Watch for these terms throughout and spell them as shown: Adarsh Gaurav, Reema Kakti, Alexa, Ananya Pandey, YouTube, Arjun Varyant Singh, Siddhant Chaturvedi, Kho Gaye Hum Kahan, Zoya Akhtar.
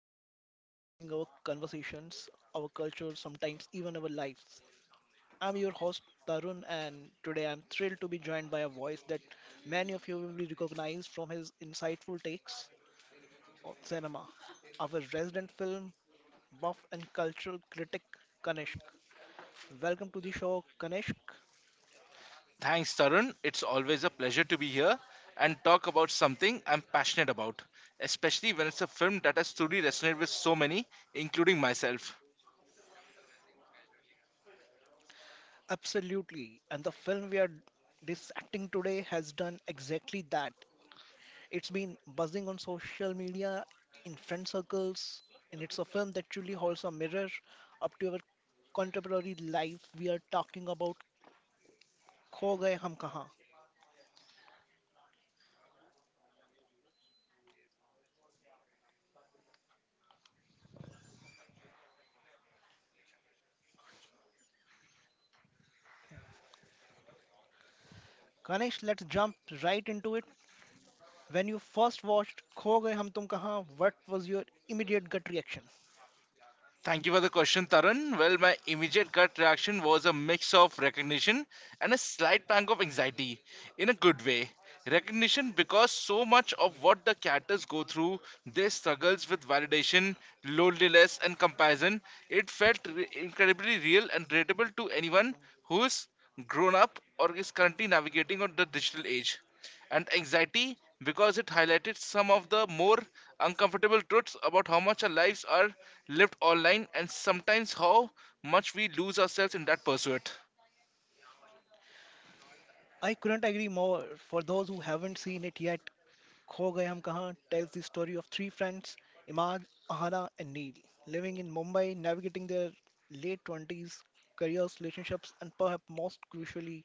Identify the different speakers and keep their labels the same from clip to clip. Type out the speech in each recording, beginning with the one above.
Speaker 1: movies that are shaping our conversations, our culture, sometimes even our lives. I'm your host, Tarun, and today I'm thrilled to be joined by a voice that many of you will be recognized from his insightful takes on cinema. Our resident film buff and cultural critic, Kanishk. Welcome to the show, Kanishk.
Speaker 2: Thanks, Tarun. It's always a pleasure to be here and talk about something I'm passionate about, especially when it's a film that has truly resonated with so many, including myself.
Speaker 1: Absolutely, and the film we are dissecting today has done exactly that. It's been buzzing on social media, in friend circles, and it's a film that truly holds a mirror up to our contemporary life. We are talking about Kho Gaye Hum Kahan. Ganesh, let's jump right into it. When you first watched Kho Gaye Hum Tum Kahan, what was your immediate gut reaction?
Speaker 2: Thank you for the question, Tarun. Well, my immediate gut reaction was a mix of recognition and a slight pang of anxiety, in a good way. Recognition because so much of what the characters go through, their struggles with validation, loneliness, and comparison, it felt incredibly real and relatable to anyone who's grown up or is currently navigating on the digital age, and anxiety because it highlighted some of the more uncomfortable truths about how much our lives are lived online and sometimes how much we lose ourselves in that pursuit.
Speaker 1: I couldn't agree more. For those who haven't seen it yet, Kho Gaye Hum Kahan tells the story of three friends, Imad, Ahana, and Neil, living in Mumbai, navigating their late 20s, careers, relationships, and perhaps most crucially,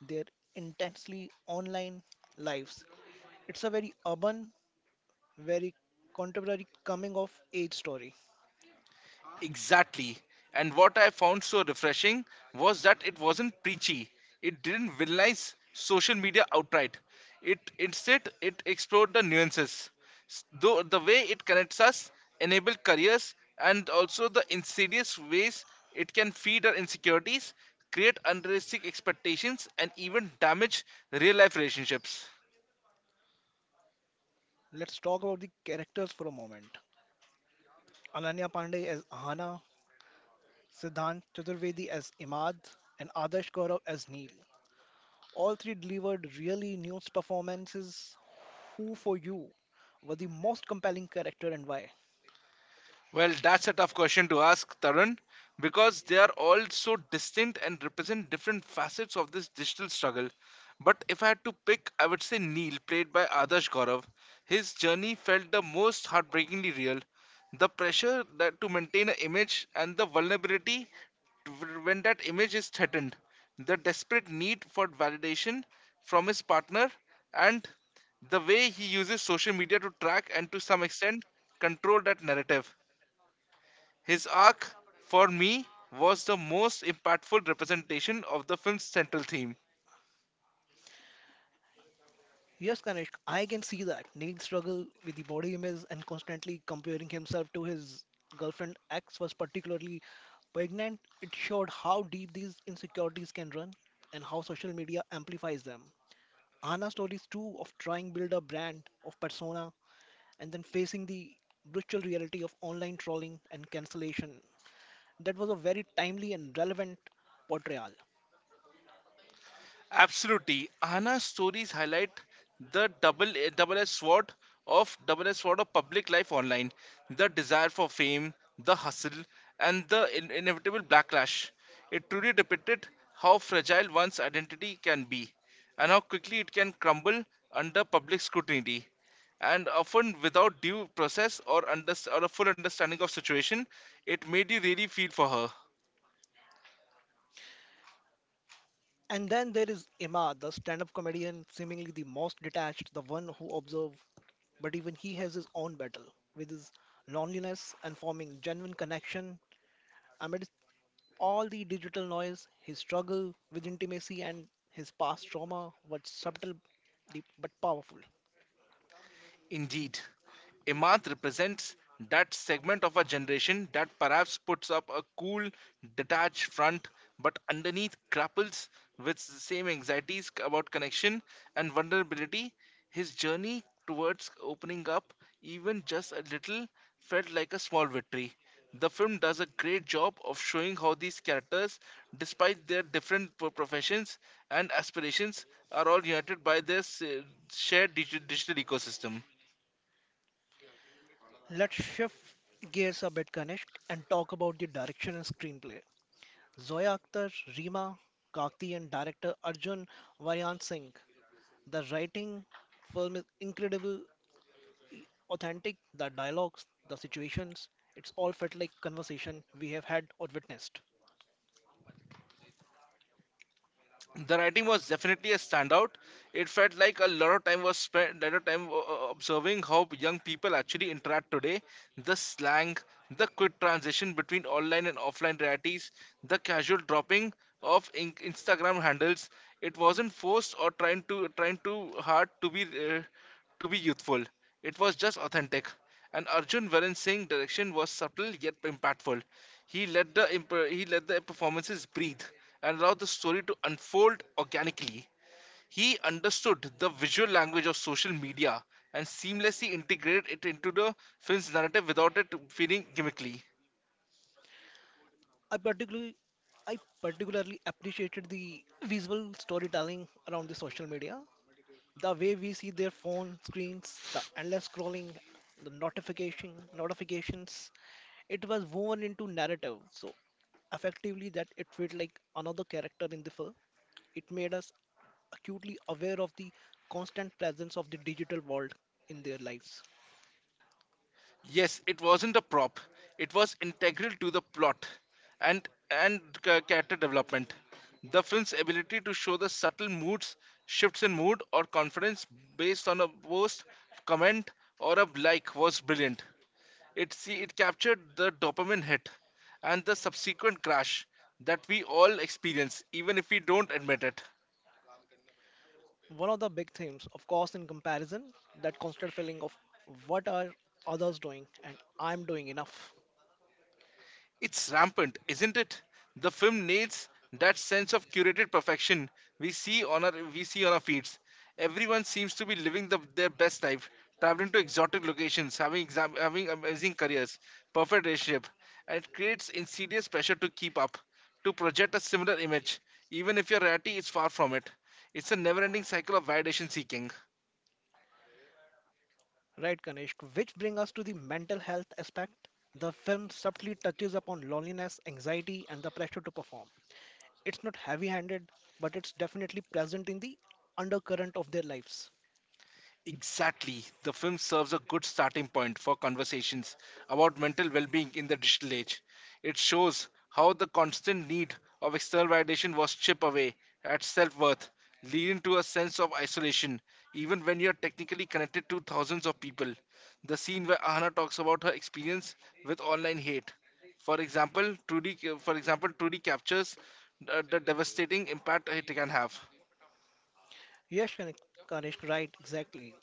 Speaker 1: their intensely online lives. It's a very urban, very contemporary coming of age story.
Speaker 2: Exactly. And what I found so refreshing was that it wasn't preachy. It didn't villainize social media outright. It instead it explored the nuances. Though the way it connects us, enable careers, and also the insidious ways it can feed our insecurities, create unrealistic expectations, and even damage real life relationships.
Speaker 1: Let's talk about the characters for a moment. Ananya Pandey as Ahana, Siddhant Chaturvedi as Imad, and Adarsh Gaurav as Neil. All three delivered really nuanced performances. Who for you was the most compelling character and why?
Speaker 2: Well, that's a tough question to ask, Tarun, because they are all so distinct and represent different facets of this digital struggle. But if I had to pick, I would say Neil, played by Adarsh Gaurav. His journey felt the most heartbreakingly real. The pressure that to maintain an image and the vulnerability when that image is threatened, the desperate need for validation from his partner, and the way he uses social media to track and to some extent control that narrative. His arc, for me, was the most impactful representation of the film's central theme.
Speaker 1: Yes, Kanishk, I can see that. Neil struggle with the body image and constantly comparing himself to his girlfriend X was particularly poignant. It showed how deep these insecurities can run and how social media amplifies them. Anna's stories too of trying build a brand of persona and then facing the brutal reality of online trolling and cancellation. That was a very timely and relevant portrayal.
Speaker 2: Absolutely, Anna's stories highlight the double-edged sword of public life online, the desire for fame, the hustle, and the inevitable backlash. It truly depicted how fragile one's identity can be, and how quickly it can crumble under public scrutiny. And often without due process or, or a full understanding of situation, it made you really feel for her.
Speaker 1: And then there is Emma, the stand up comedian, seemingly the most detached, the one who observes, but even he has his own battle with his loneliness and forming genuine connection amidst all the digital noise, his struggle with intimacy and his past trauma was subtle deep, but powerful.
Speaker 2: Indeed, a represents that segment of our generation that perhaps puts up a cool, detached front, but underneath grapples with the same anxieties about connection and vulnerability. His journey towards opening up, even just a little, felt like a small victory. The film does a great job of showing how these characters, despite their different professions and aspirations, are all united by their shared digital ecosystem.
Speaker 1: Let's shift gears a bit, Kanishk, and talk about the direction and screenplay. Zoya Akhtar, Reema Kakti, and director Arjun Varyant Singh. The writing film is incredible, I- authentic, the dialogues, the situations, it's all felt like conversation we have had or witnessed.
Speaker 2: The writing was definitely a standout. It felt like a lot of time was spent, lot of time observing how young people actually interact today. The slang, the quick transition between online and offline realities, the casual dropping of Instagram handles. It wasn't forced or trying too hard to be youthful. It was just authentic. And Arjun Varan Singh's direction was subtle yet impactful. He let the performances breathe and allowed the story to unfold organically. He understood the visual language of social media and seamlessly integrated it into the film's narrative without it feeling gimmickly.
Speaker 1: I particularly I particularly appreciated the visual storytelling around the social media. The way we see their phone screens, the endless scrolling, the notifications, it was woven into narrative. So effectively that it felt like another character in the film. It made us acutely aware of the constant presence of the digital world in their lives.
Speaker 2: Yes, it wasn't a prop. It was integral to the plot and character development. The film's ability to show the subtle moods, shifts in mood or confidence based on a post, comment, or a like was brilliant. It captured the dopamine hit and the subsequent crash that we all experience, even if we don't admit it.
Speaker 1: One of the big themes, of course, in comparison, that constant feeling of what are others doing and I'm doing enough.
Speaker 2: It's rampant, isn't it? The film nails that sense of curated perfection we see on our feeds. Everyone seems to be living their best life, traveling to exotic locations, having amazing careers, perfect relationship, and it creates insidious pressure to keep up, to project a similar image, even if your reality is far from it. It's a never-ending cycle of validation seeking.
Speaker 1: Right, Kanishk, which bring us to the mental health aspect. The film subtly touches upon loneliness, anxiety, and the pressure to perform. It's not heavy handed, but it's definitely present in the undercurrent of their lives.
Speaker 2: Exactly. The film serves a good starting point for conversations about mental well being in the digital age. It shows how the constant need of external validation was chipped away at self worth, leading to a sense of isolation, even when you are technically connected to thousands of people. The scene where Ahana talks about her experience with online hate. For example, truly captures the devastating impact it can have.
Speaker 1: Yes, Kanishk, right, exactly.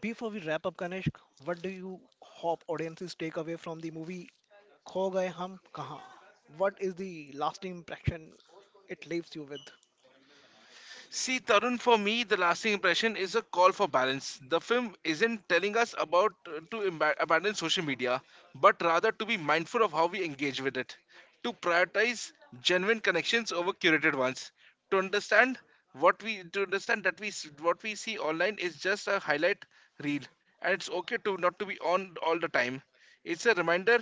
Speaker 1: Before we wrap up, Kanishk, what do you hope audiences take away from the movie Kho Gaye Hum Kahan? What is the lasting impression it leaves you with?
Speaker 2: See, Tarun, for me, the lasting impression is a call for balance. The film isn't telling us about abandon social media, but rather to be mindful of how we engage with it, to prioritize genuine connections over curated ones, to understand to understand that what we see online is just a highlight reel, and it's okay to not to be on all the time. It's a reminder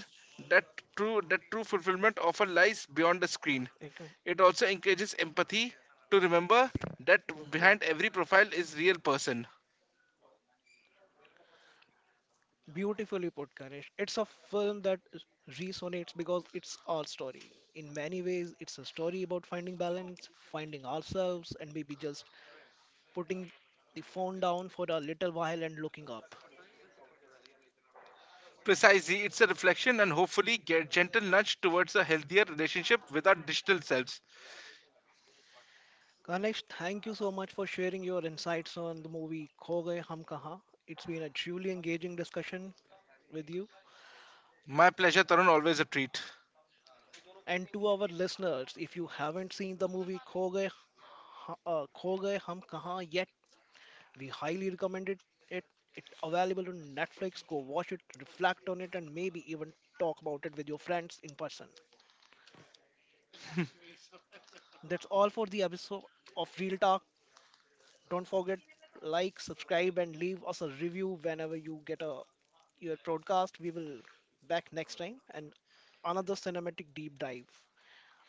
Speaker 2: that true fulfillment often lies beyond the screen.
Speaker 1: Okay.
Speaker 2: It also encourages empathy to remember that
Speaker 1: Okay.
Speaker 2: behind every profile is real person.
Speaker 1: Beautifully put, Ganesh. It's a film that is- resonates because it's our story. In many ways, it's a story about finding balance, finding ourselves, and maybe just putting the phone down for a little while and looking up.
Speaker 2: Precisely, it's a reflection and hopefully get gentle nudge towards a healthier relationship with our digital selves.
Speaker 1: Ganesh, thank you so much for sharing your insights on the movie Kho Gaye Hum Kahan. It's been a truly engaging discussion with you.
Speaker 2: My pleasure, Tarun, always a treat.
Speaker 1: And to our listeners, if you haven't seen the movie Kho Gaye, Kho Gaye Hum Kahan yet, we highly recommend it. It. It's available on Netflix. Go watch it, reflect on it, and maybe even talk about it with your friends in person. That's all for the episode of Real Talk. Don't forget like, subscribe, and leave us a review whenever you get a your broadcast. We will back next time and another cinematic deep dive.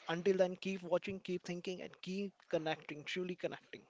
Speaker 1: Until then, keep watching, keep thinking, and keep connecting, truly connecting.